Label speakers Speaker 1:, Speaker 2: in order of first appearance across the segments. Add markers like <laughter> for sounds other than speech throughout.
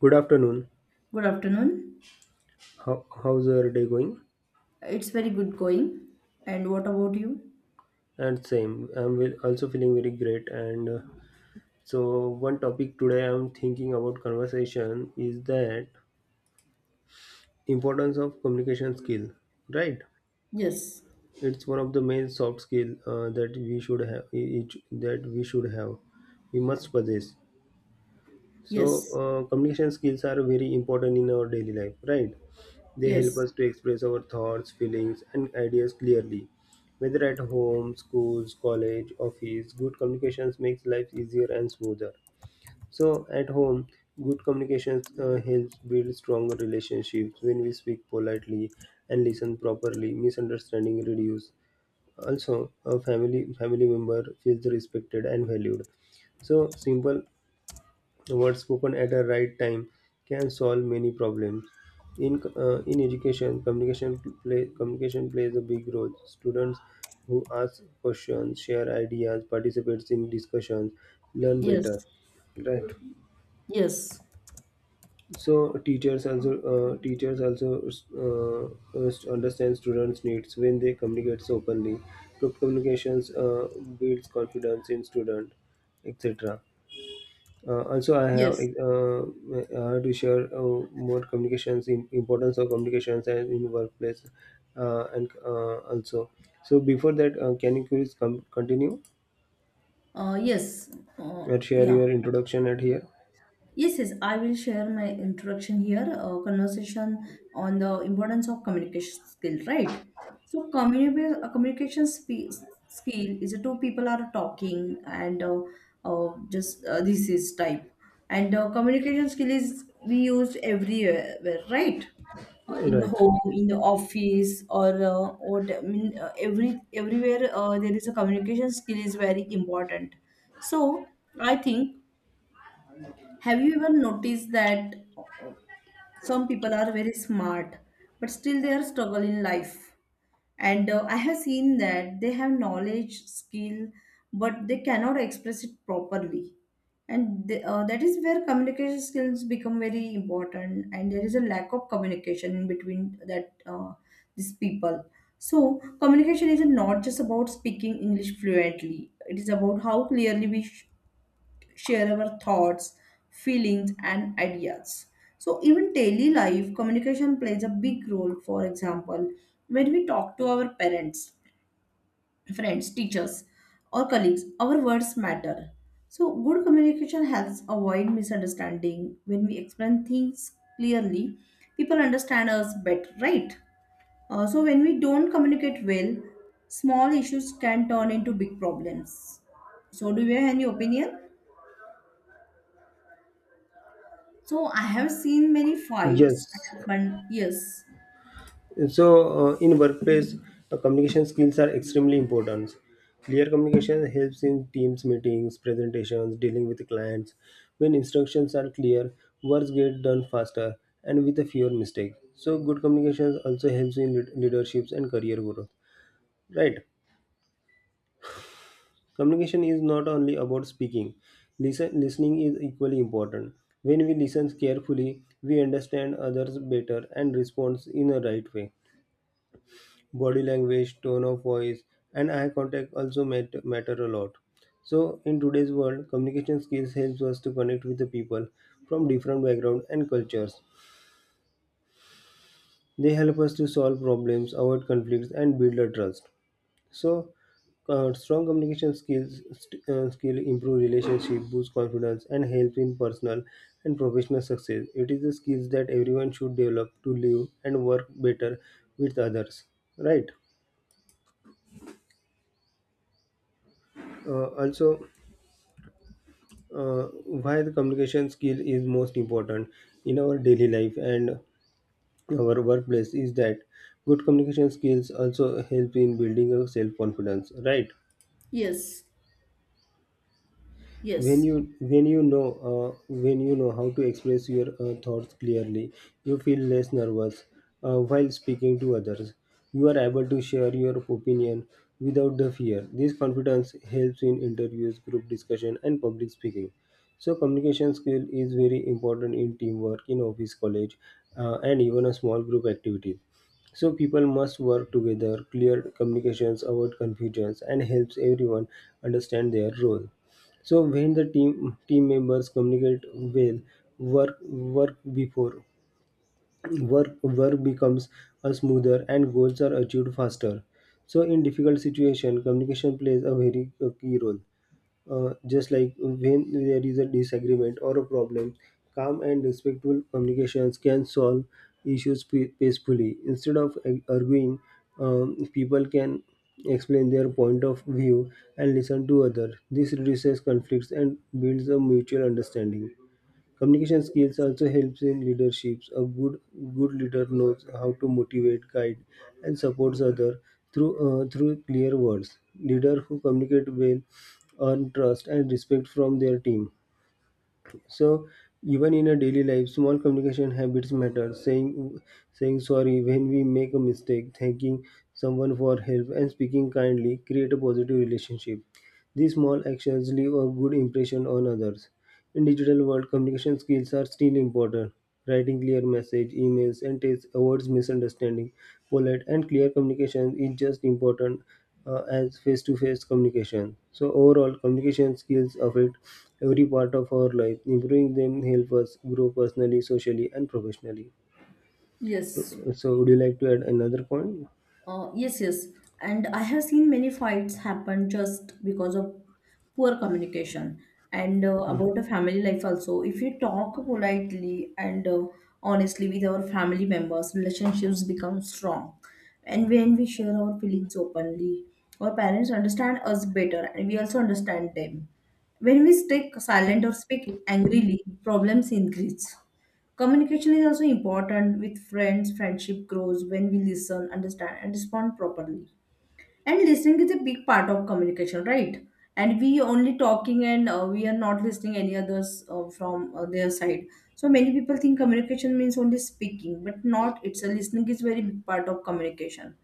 Speaker 1: Good afternoon.
Speaker 2: Good afternoon.
Speaker 1: How's your day going?
Speaker 2: It's very good going. And what about you?
Speaker 1: And same, also feeling very great. One topic today I'm thinking about conversation is that importance of communication skill. Right?
Speaker 2: Yes,
Speaker 1: It's one of the main soft skill that we should have. We must possess. So,
Speaker 2: yes,
Speaker 1: communication skills are very important in our daily life. Right? They help
Speaker 2: yes,
Speaker 1: us to express our thoughts, feelings, and ideas clearly. Whether at home, schools, college, office, good communications makes life easier and smoother. So, at home, good communications helps build stronger relationships when we speak politely and listen properly. Misunderstanding reduce. Also, a family member feels respected and valued. So simple the words spoken at a right time can solve many problems. In education, communication plays a big role. Students who ask questions, share ideas, participates in discussions, learn
Speaker 2: yes,
Speaker 1: better. Right.
Speaker 2: yes,
Speaker 1: So teachers also understand students' needs when they communicate openly. Group communications builds confidence in student, etc. Also,
Speaker 2: yes,
Speaker 1: I have to share more importance of communications and in workplace, and also. So before that, can you please continue
Speaker 2: yes,
Speaker 1: and share
Speaker 2: yeah.
Speaker 1: your introduction at here?
Speaker 2: Yes, yes, I will share my introduction here, a conversation on the importance of communication skill, right? So, a communication skill is a two people are talking and just this is type. And communication skill is we use everywhere, right? In the
Speaker 1: Right.
Speaker 2: home, in the office, or what I mean, everywhere there is a communication skill is very important. So, I think have you ever noticed that some people are very smart, but still they are struggle in life? And I have seen that they have knowledge, skill, but they cannot express it properly. And that is where communication skills become very important, and there is a lack of communication in between that these people. So communication is not just about speaking English fluently. It is about how clearly share our thoughts, feelings, and ideas. So, even daily life, communication plays a big role. For example, when we talk to our parents, friends, teachers, or colleagues, our words matter. So, good communication helps avoid misunderstanding. When we explain things clearly, people understand us better, right? When we don't communicate well, small issues can turn into big problems. So, do you have any opinion? So I have seen many fights
Speaker 1: Yes.
Speaker 2: happen. Yes,
Speaker 1: So, in workplace, communication skills are extremely important. Clear communication helps in teams meetings, presentations, dealing with clients. When instructions are clear, works get done faster and with a fewer mistakes. So, good communication also helps in leaderships and career growth. Right? Communication is not only about speaking. Listening is equally important. When we listen carefully, we understand others better and respond in a right way. Body language, tone of voice, and eye contact also matter a lot. So, in today's world, communication skills helps us to connect with the people from different backgrounds and cultures. They help us to solve problems, avoid conflicts, and build a trust. So, strong communication skill improve relationship, boost confidence, and help in personal and professional success. It is the skills that everyone should develop to live and work better with others. Right. Uh, also, uh, why the communication skill is most important in our daily life and our workplace is that good communication skills also help in building a self confidence, right?
Speaker 2: yes, yes,
Speaker 1: When you know how to express your thoughts clearly, you feel less nervous while speaking to others. You are able to share your opinion without the fear. This confidence helps in interviews, group discussion and public speaking. So communication skill is very important in teamwork, in office, college, and even a small group activity. So people must work together. Clear communications avoid confusions and helps everyone understand their role. So when the team members communicate well, work work before work work becomes a smoother and goals are achieved faster. So in difficult situation, communication plays a very key role. Just like when there is a disagreement or a problem, calm and respectful communications can solve issues peacefully. Instead of arguing, people can explain their point of view and listen to others. This reduces conflicts and builds a mutual understanding. Communication skills also helps in leadership. A good leader knows how to motivate, guide, and supports others through clear words. Leader who communicate well earn trust and respect from their team. So even in a daily life, small communication habits matter. Saying sorry when we make a mistake, thanking someone for help, and speaking kindly create a positive relationship. These small actions leave a good impression on others. In digital world, communication skills are still important. Writing clear message, emails, and text avoids misunderstanding. Polite and clear communication is just important as face-to-face communication. So overall, communication skills affect every part of our life. Improving them help us grow personally, socially, and professionally.
Speaker 2: yes.
Speaker 1: So, so would you like to add another point?
Speaker 2: yes. Yes. And I have seen many fights happen just because of poor communication. And about the family life also, if you talk politely and honestly with our family members, relationships become strong. And when we share our feelings openly, our parents understand us better and we also understand them. When we stay silent or speak angrily, problems increase. Communication is also important with friends. Friendship grows when we listen, understand, and respond properly. And listening is a big part of communication, right? And we only talking and we are not listening any others from their side. So many people think communication means only speaking, but not. It's a listening is very big part of communication,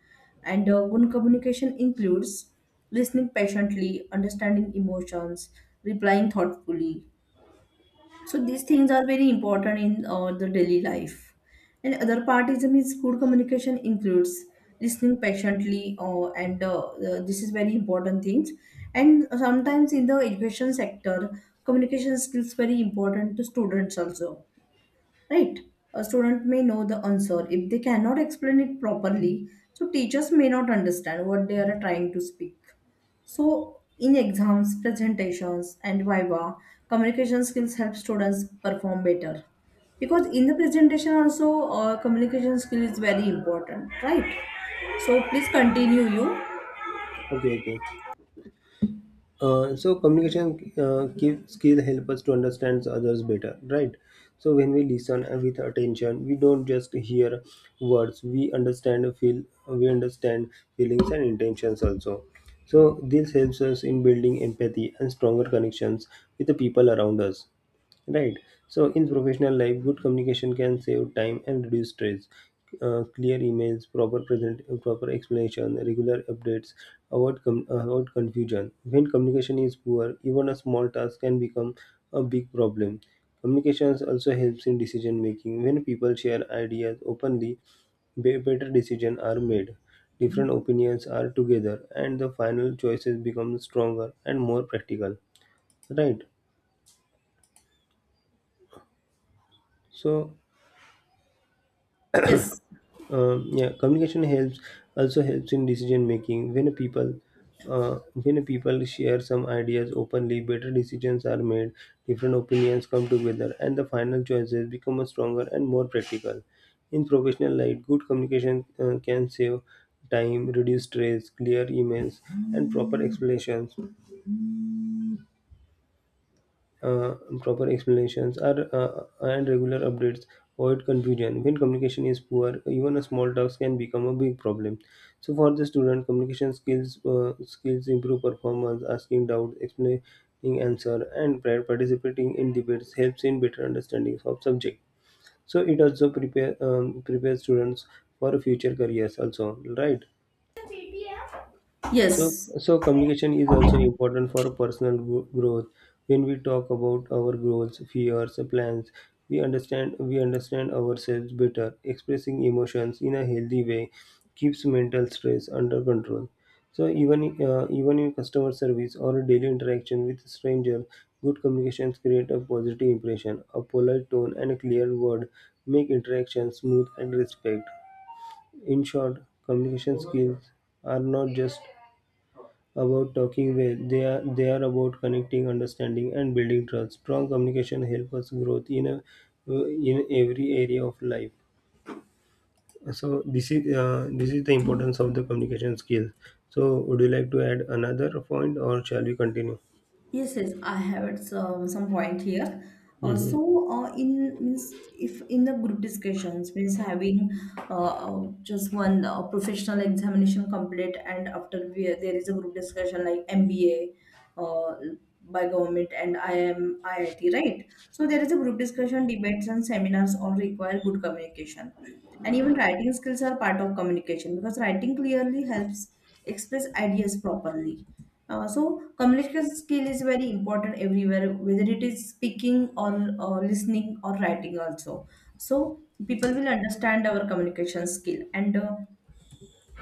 Speaker 2: and good communication includes listening patiently, understanding emotions, replying thoughtfully, so these things are very important in the daily life and other part is means good communication includes listening patiently and this is very important things and sometimes in the education sector communication skills very important to students also, right? A student may know the answer if they cannot explain it properly, so teachers may not understand what they are trying to speak. So in exams, presentations, and viva, communication skills help students perform better because in the presentation also communication skill is very important, right? So please continue you.
Speaker 1: Okay, okay. So communication skill help us to understand others better, right? So when we listen and with attention, we don't just hear words. We understand feelings and intentions also. So this helps us in building empathy and stronger connections with the people around us. Right. So, in professional life, good communication can save time and reduce stress. Clear emails, proper explanation, regular updates, avoid confusion. When communication is poor, even a small task can become a big problem. Communications also helps in decision making. When people share ideas openly, better decisions are made. Different opinions are together, and the final choices become stronger and more practical. Right. So
Speaker 2: Yes,
Speaker 1: Yeah, communication helps in decision making. When a people share some ideas openly, better decisions are made. Different opinions come together, and the final choices become a stronger and more practical. In professional life, good communication can save time, reduce stress, clear emails, and uh, proper explanations are and regular updates avoid confusion. When communication is poor, even a small task can become a big problem. So for the student, communication skills skills improve performance. Asking doubt, explaining answer, and participating in debates helps in better understanding of subject. So it also prepare students for future careers also, right? So,
Speaker 2: yes.
Speaker 1: so communication is also important for personal growth. When we talk about our goals, fears, plans, we understand ourselves better. Expressing emotions in a healthy way keeps mental stress under control. So, even in customer service or daily interaction with strangers, good communications create a positive impression. A polite tone and a clear word make interaction smooth and respect. In short, communication skills are not just about talking well. They are about connecting, understanding, and building trust. Strong communication helps us growth in in every area of life. So this is the importance of the communication skills. So would you like to add another point, or shall we continue?
Speaker 2: Yes, yes, I have at some point here. Uh,
Speaker 1: Hmm.
Speaker 2: so, in means if in the group discussions means having just one professional examination complete, and after we, there is a group discussion like MBA uh, by government and I am IIT, right? So there is a group discussion, debates, and seminars all require good communication, and even writing skills are part of communication because writing clearly helps express ideas properly. So communication skill is very important everywhere, whether it is speaking or listening or writing also. So people will understand our communication skill. And uh,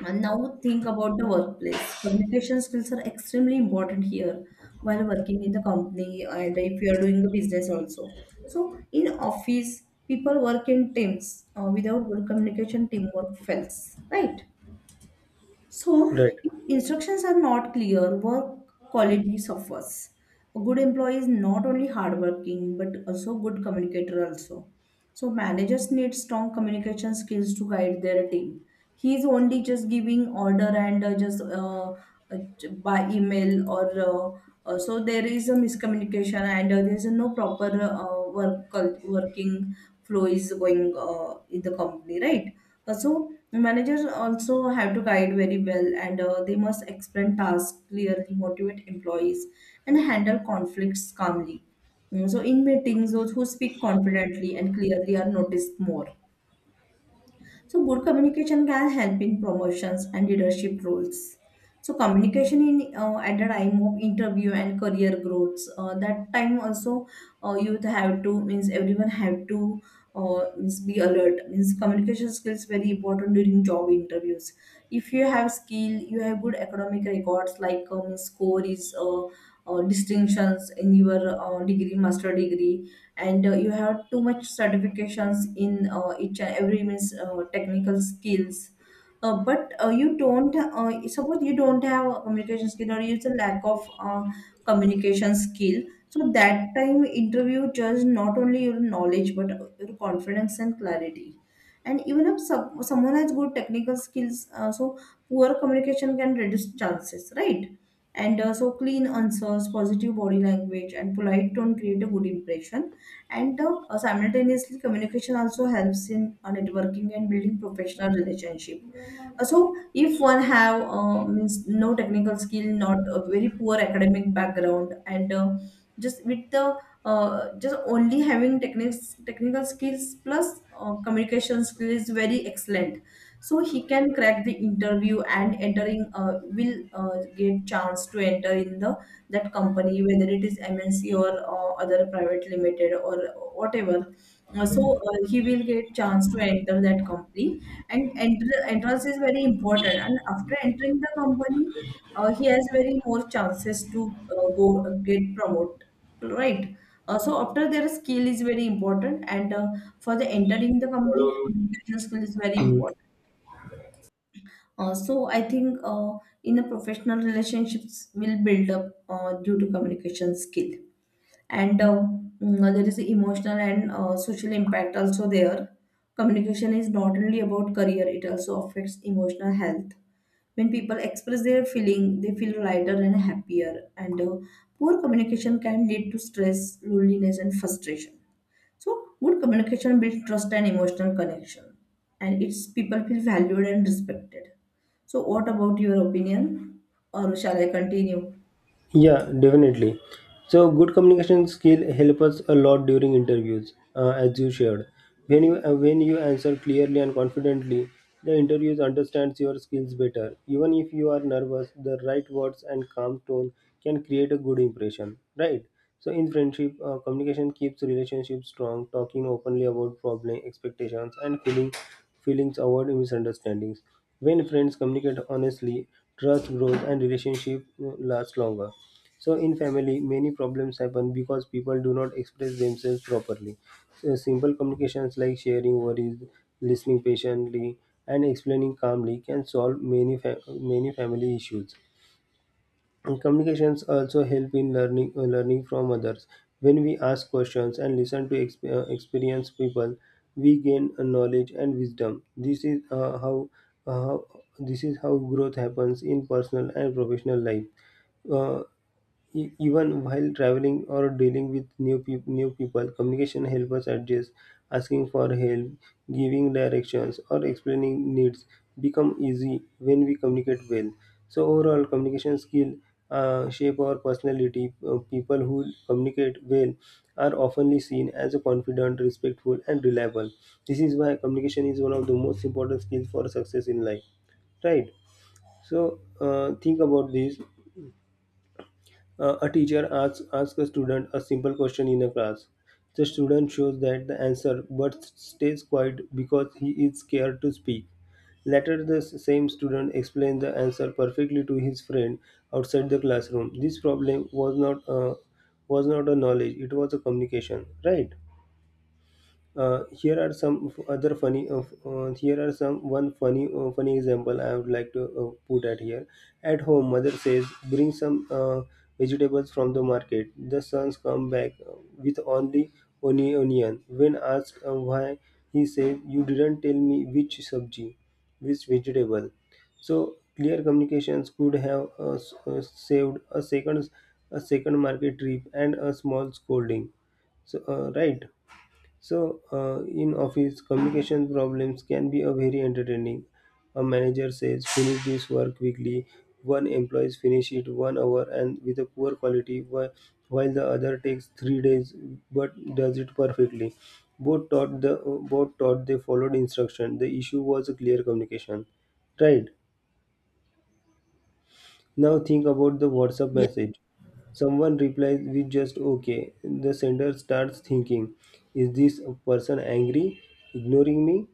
Speaker 2: and now think about the workplace. Communication skills are extremely important here while working in the company and if you are doing a business also. So in office, people work in teams. Without good communication, teamwork fails, right? So,
Speaker 1: Right.
Speaker 2: if instructions are not clear, work quality suffers. A good employee is not only hardworking but also good communicator also. So managers need strong communication skills to guide their team. He is only just giving order and by email or so there is a miscommunication and there is no proper working flow is going in the company, right? So the managers also have to guide very well, and they must explain tasks clearly, motivate employees, and handle conflicts calmly. Mm, so in meetings, those who speak confidently and clearly are noticed more. So, good communication can help in promotions and leadership roles. So, communication in at the time of interview and career growths. That time also, you have to means everyone have to means be alert. Means communication skills very important during job interviews. If you have skill, you have good academic records like score is distinctions in your degree, master degree and you have too much certifications in each and every means technical skills, but you don't suppose you don't have a communication skill or you it's a lack of communication skill, so that time interview judge not only your knowledge but your confidence and clarity. And even if someone has good technical skills, so poor communication can reduce chances, right? And uh, so clean answers, positive body language, and polite tone create a good impression, and simultaneously communication also helps in networking and building professional relationship. So if one have means no technical skill, not a very poor academic background, and just with the just only having techniques technical skills plus communication skill is very excellent. So he can crack the interview and entering will get chance to enter in the that company whether it is MNC or other private limited or whatever. So he will get chance to enter that company and entrance is very important, and after entering the company he has very more chances to go get promoted, right? So after their skill is very important, and for the entering the company communication skill is very important. I think in the professional relationships will build up due to communication skill. and uh, there is the emotional and social impact also there. Communication is not only about career, it also affects emotional health. When people express their feeling, they feel lighter and happier, and poor communication can lead to stress, loneliness, and frustration. So good communication builds trust and emotional connection, and it's people feel valued and respected. So what about your opinion or shall I continue?
Speaker 1: Yeah, definitely. So, good communication skill help us a lot during interviews, as you shared. When you answer clearly and confidently, the interviews understands your skills better. Even if you are nervous, the right words and calm tone can create a good impression, right? So in friendship, communication keeps relationships strong. Talking openly about problem, expectations, and feelings avoid misunderstandings. When friends communicate honestly, trust grows and relationship lasts longer. So in family, many problems happen because people do not express themselves properly. So simple communications like sharing worries, listening patiently, and explaining calmly can solve many family issues. And communications also help in learning from others. When we ask questions and listen to experienced people, we gain knowledge and wisdom. Uh, how- this is how growth happens in personal and professional life. Uh, Even while traveling or dealing with new people, communication helps us adjust. Asking for help, giving directions, or explaining needs become easy when we communicate well. So overall, communication skill shape our personality. People who communicate well are often seen as a confident, respectful, and reliable. This is why communication is one of the most important skills for success in life. Right. So think about this. A teacher asks a student a simple question in a class. The student shows that the answer but stays quiet because he is scared to speak. Later, the same student explains the answer perfectly to his friend outside the classroom. This problem was not a knowledge; it was a communication, right? Here are some f- other funny. F- Here are some one funny funny example I would like to put at here. At home, mother says, "Bring some vegetables from the market." The sons come back with only onion. When asked why, he said, "You didn't tell me which sabji, which vegetable." So clear communications could have saved a second market trip and a small scolding. So right. So, in office, communication problems can be a very entertaining. A manager says, "Finish this work quickly." One employees finish it 1 hour and with a poor quality, while the other takes 3 days but does it perfectly. Both taught the both taught they followed instruction. The issue was a clear communication, right? Now think about the WhatsApp
Speaker 2: Ye-
Speaker 1: message. Someone replies with just okay. The sender starts thinking, is this person angry, ignoring me?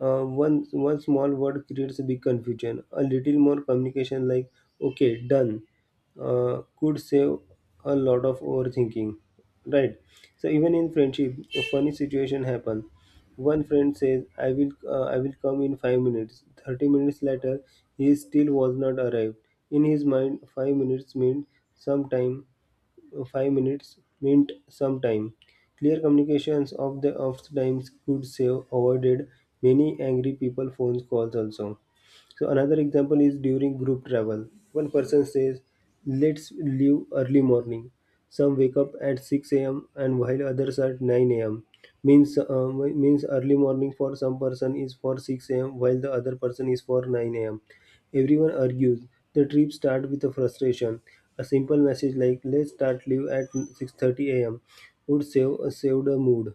Speaker 1: One small word creates a big confusion. A little more communication, like "okay, done," could save a lot of overthinking, right? So even in friendship, a funny situation happens. One friend says, I will come in 5 minutes." 30 minutes later, he still was not arrived. In his mind, 5 minutes meant some time, 5 minutes meant some time. Clear communications of the times could save avoided many angry people phone calls also. So another example is during group travel. One person says, "Let's leave early morning." Some wake up at 6 a.m. and while others at 9 a.m. means uh, means early morning for some person is for 6 a.m. while the other person is for 9 a.m. Everyone argues. The trip starts with a frustration. A simple message like "Let's start live at 6:30 a.m." would save saved a mood.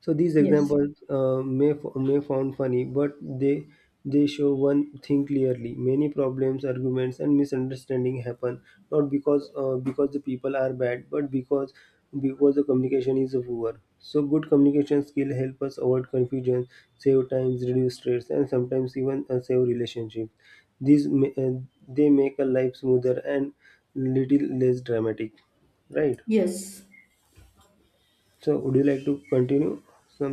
Speaker 1: So these
Speaker 2: yes,
Speaker 1: examples may sound funny, but they show one thing clearly: many problems, arguments, and misunderstanding happen not because the people are bad, but because the communication is poor. So good communication skill help us avoid confusion, save times, reduce stress, and sometimes even save relationships. These ma- uh, they make a life smoother and little less dramatic, right?
Speaker 2: yes.
Speaker 1: So would you like to continue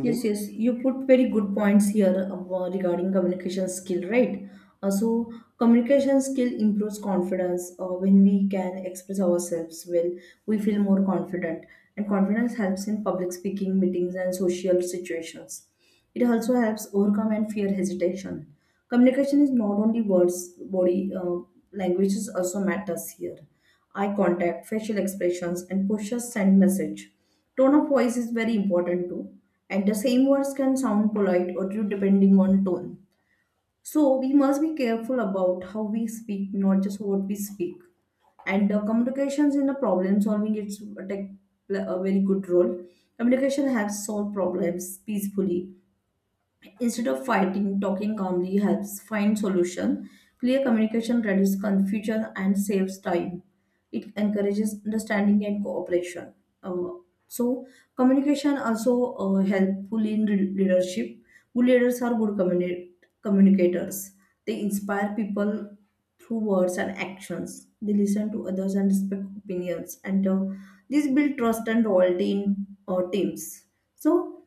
Speaker 2: Yes, yes, you put very good points here about regarding communication skill, right? Uh, so, communication skill improves confidence. When we can express ourselves well, we feel more confident, and confidence helps in public speaking, meetings, and social situations. It also helps overcome and fear hesitation. Communication is not only words, body languages also matters here. Eye contact, facial expressions, and pushes send message. Tone of voice is very important too, and the same words can sound polite or rude depending on tone. So we must be careful about how we speak, not just what we speak. And the communications in the problem solving it's take a very good role. Communication helps solve problems peacefully. Instead of fighting, talking calmly helps find solution. Clear communication reduces confusion and saves time. It encourages understanding and cooperation. Uh, so communication also helpful in leadership. Good leaders are good communicators. They inspire people through words and actions. They listen to others and respect opinions, and this build trust and loyalty in teams. So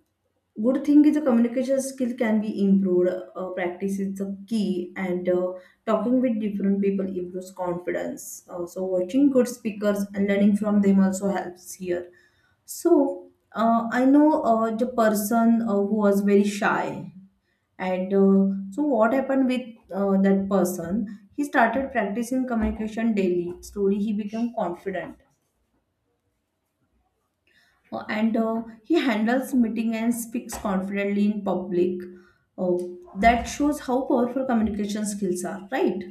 Speaker 2: good thing is the communication skill can be improved. Practice is the key, and talking with different people improves confidence. So watching good speakers and learning from them also helps here. So I know the person who was very shy, and what happened with that person? He started practicing communication daily. Slowly, he became confident, and he handles meeting and speaks confidently in public. Uh, that shows how powerful communication skills are, right?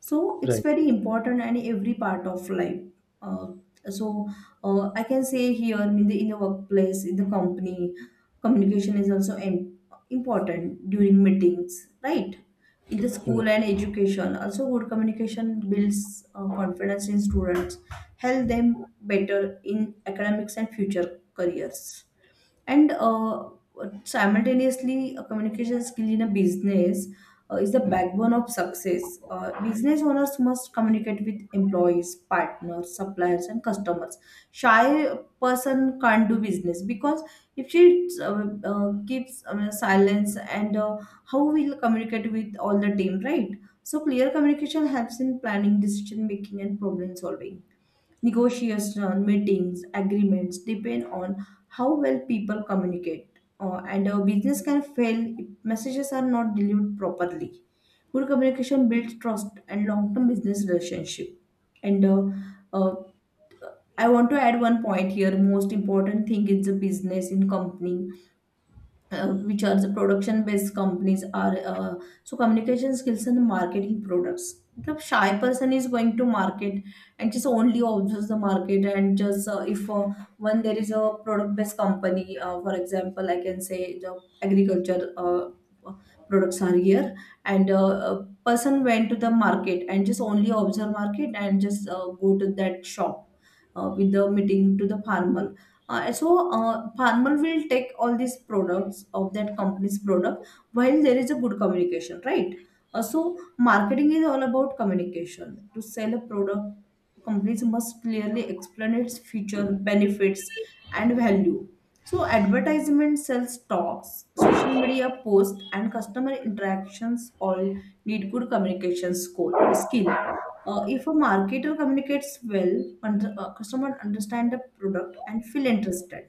Speaker 2: So it's
Speaker 1: Right.
Speaker 2: very important in every part of life. Uh, so I can say here in the workplace, in the company, communication is also important during meetings, right? In the school and education, also good communication builds confidence in students, help them better in academics and future careers, and simultaneously a communication skill in a business is the backbone of success. Uh, business owners must communicate with employees, partners, suppliers, and customers. Shy person can't do business because if she keeps silence and how will communicate with all the team, right? So clear communication helps in planning, decision making, and problem solving. Negotiation, meetings, agreements depend on how well people communicate. And a business can fail if messages are not delivered properly. Good communication builds trust and long-term business relationship. And uh, I want to add one point here. Most important thing is the business in company which are the production based companies are So communication skills and marketing products, the shy person is going to market and just only observes the market and just if when there is a product based company, for example, I can say the agriculture products are here. And a person went to the market and just only observe market and just go to that shop with the meeting to the farmer. Farmer will take all these products of that company's product while there is a good communication, right? So marketing is all about communication to sell a product. Companies must clearly explain its future benefits and value. So advertisement sells talks, social media posts, and customer interactions all need good communication skill. If a marketer communicates well, customer understand the product and feel interested.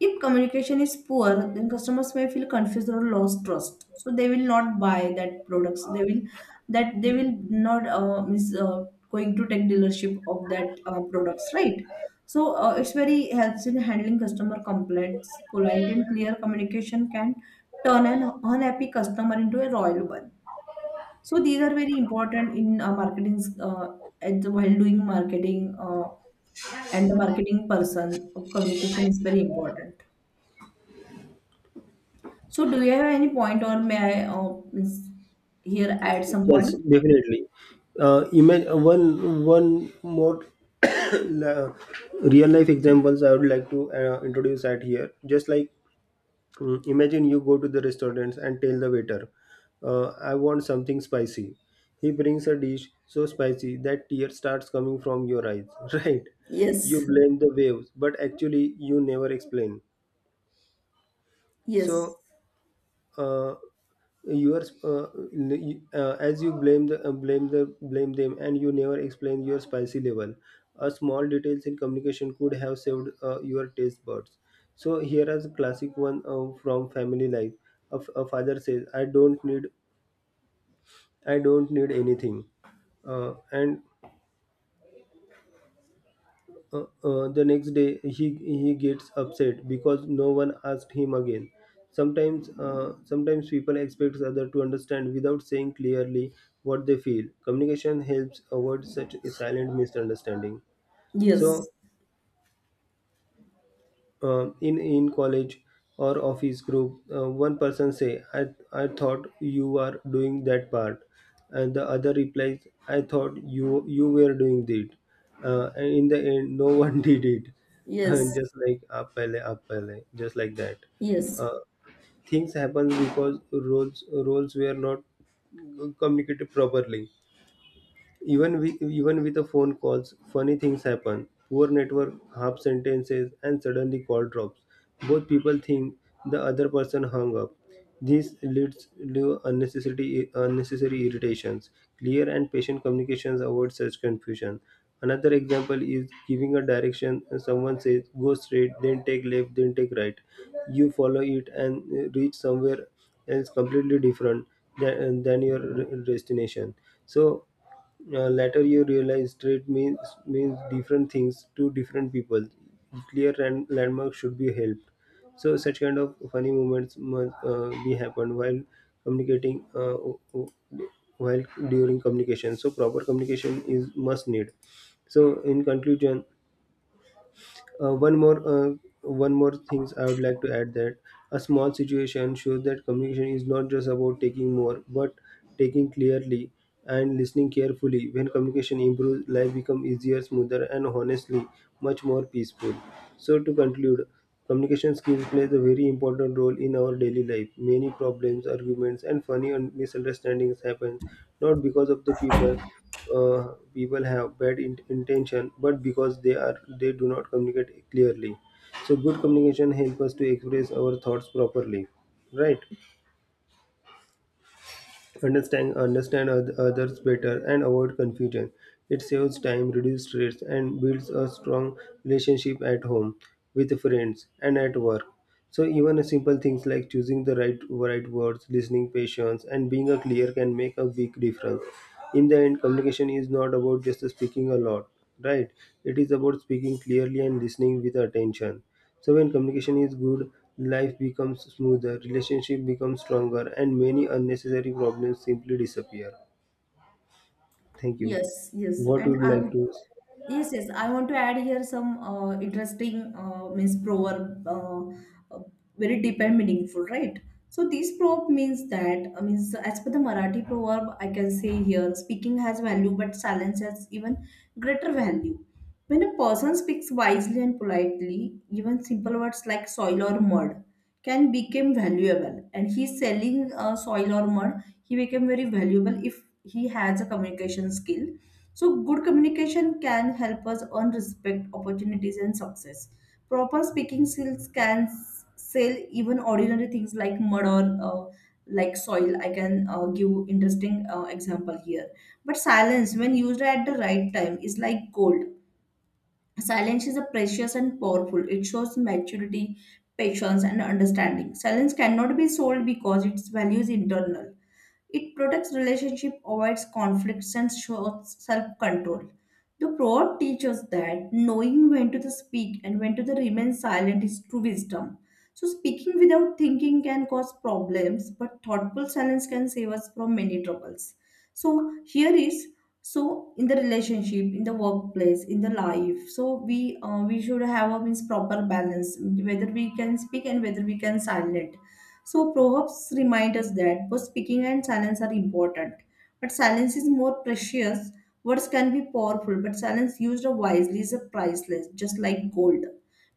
Speaker 2: If communication is poor, then customers may feel confused or lost trust. So they will not buy that products. They will not miss going to take dealership of that products, right? So it's very helps in handling customer complaints. Polite and clear communication can turn an unhappy customer into a loyal one. So these are very important in marketing while doing marketing, and the marketing person. Communication is very important. So, do you have any point, or may I means here add some
Speaker 1: Yes,
Speaker 2: point?
Speaker 1: definitely. Imagine one more <coughs> la- real life examples I would like to introduce at here. Just like imagine you go to the restaurants and tell the waiter, "I want something spicy." He brings a dish so spicy that tears starts coming from your eyes. <laughs> Right? You
Speaker 2: Yes,
Speaker 1: blame the waves, but actually you never explain.
Speaker 2: yes,
Speaker 1: So. Uh, as you blame the blame them and you never explain your spicy level. A small details in communication could have saved your taste buds. So here is a classic one from family life. A father says, I don't need anything. Uh, and Uh, uh, the next day, he gets upset because no one asked him again. Sometimes, people expect other to understand without saying clearly what they feel. Communication helps avoid such a silent misunderstanding. So,
Speaker 2: yes,
Speaker 1: in college or office group, one person say, I thought you are doing that part, and the other replies, I thought you were doing it. And in the end, no <laughs> one did it. <laughs> And
Speaker 2: yes,
Speaker 1: just like up pehle, just like that.
Speaker 2: yes.
Speaker 1: Uh, things happen because roles roles were not communicated properly. Even with, even with the phone calls, funny things happen. Poor network, half sentences, and suddenly call drops. Both people think the other person hung up. This leads to unnecessary, unnecessary irritations. Clear and patient communications avoid such confusion. Another example is giving a direction. Someone says, go straight, then take left, then take right. You follow it and reach somewhere else completely different than, destination. So, later, you realize trade means different things to different people. Clear and landmark should be helped. So such kind of funny moments must be happen while communicating while during communication. So proper communication is must need. So in conclusion, uh, one more uh, one more things I would like to add that a small situation shows that communication is not just about taking more but taking clearly and listening carefully. When communication improves, life becomes easier, smoother, and honestly much more peaceful. So to conclude, communication skills plays a very important role in our daily life. Many problems, arguments, and funny misunderstandings happen not because of the people, people have bad intention, but because they are they do not communicate clearly. So good communication helps us to express our thoughts properly, right? Understand others better and avoid confusion. It saves time, reduces stress, and builds a strong relationship at home, with friends, and at work. So even simple things like choosing the right words, listening patience, and being a clear can make a big difference. In the end, communication is not about just speaking a lot, right? It is about speaking clearly and listening with attention. So when communication is good, life becomes smoother, relationship becomes stronger, and many unnecessary problems simply disappear. Thank you.
Speaker 2: Yes, yes.
Speaker 1: What
Speaker 2: And
Speaker 1: would you
Speaker 2: I.
Speaker 1: like to?
Speaker 2: Yes, yes. I want to add here some interesting means proverb, uh, very deep and meaningful, right? So this proverb means that, I mean, so as per the Marathi proverb, I can say here, speaking has value, but silence has even greater value. When a person speaks wisely and politely, even simple words like soil or mud can become valuable. And he's selling soil or mud, he became very valuable if he has a communication skill. So good communication can help us earn respect, opportunities, and success. Proper speaking skills can sell even ordinary things like mud or like soil. I can give interesting example here. But silence, when used at the right time, is like gold. Silence is a precious and powerful. It shows maturity, patience, and understanding. Silence cannot be sold because its value is internal. It protects relationship, avoids conflicts, and shows self-control. The proverb teaches that knowing when to speak and when to remain silent is true wisdom. So speaking without thinking can cause problems, but thoughtful silence can save us from many troubles. So here is, so in the relationship, in the workplace, in the life. So we should have a means proper balance whether we can speak and whether we can silent. So proverbs remind us that both speaking and silence are important. But silence is more precious. Words can be powerful, but silence used wisely is priceless, just like gold.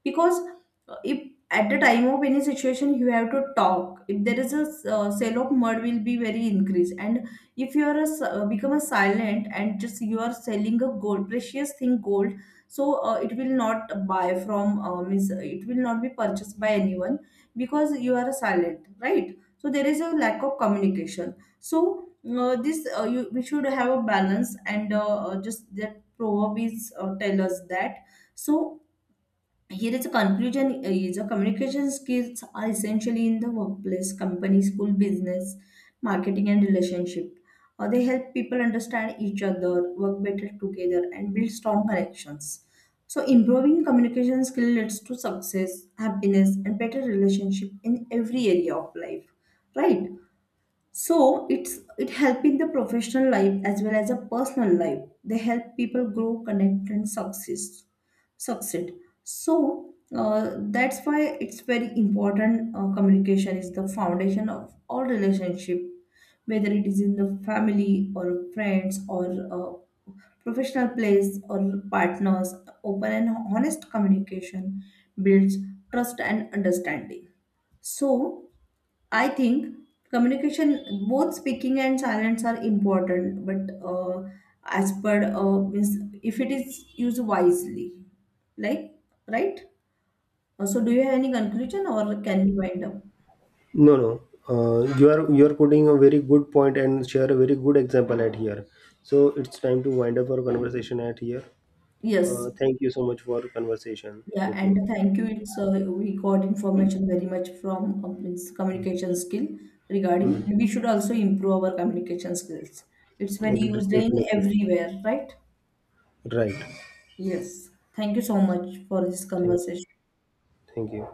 Speaker 2: Because if at the time of any situation you have to talk, if there is a sale of mud will be very increased, and if you are become a silent and just you are selling a gold precious thing gold, so it will not buy from means it will not be purchased by anyone because you are silent, right? So there is a lack of communication. So we should have a balance, and just that proverb is tell us that. So here is a conclusion. Is a communication skills are essentially in the workplace, company, school, business, marketing and relationship. Or they help people understand each other, work better together and build strong connections. So improving communication skill leads to success, happiness and better relationship in every area of life. Right? So it's, it help in the professional life as well as a personal life. They help people grow, connect, and succeed. So that's why it's very important. Communication is the foundation of all relationship, whether it is in the family or friends or uh, professional place or partners. Open and honest communication builds trust and understanding. So I think communication, both speaking and silence are important, but as per means if it is used wisely, like, right. So, do you have any conclusion, or can we wind up?
Speaker 1: No, no. You are you are putting a very good point and share a very good example at here. So it's time to wind up our conversation at here.
Speaker 2: Yes.
Speaker 1: Thank you so much for conversation
Speaker 2: Yeah,
Speaker 1: with me.
Speaker 2: and thank you. It's we got information very much from means communication skill regarding,
Speaker 1: Hmm.
Speaker 2: and we should also improve our communication skills. It's very
Speaker 1: It'll
Speaker 2: used in
Speaker 1: definitely
Speaker 2: everywhere, right?
Speaker 1: right.
Speaker 2: Yes. Thank you so much for this
Speaker 1: Thank,
Speaker 2: conversation.
Speaker 1: thank you.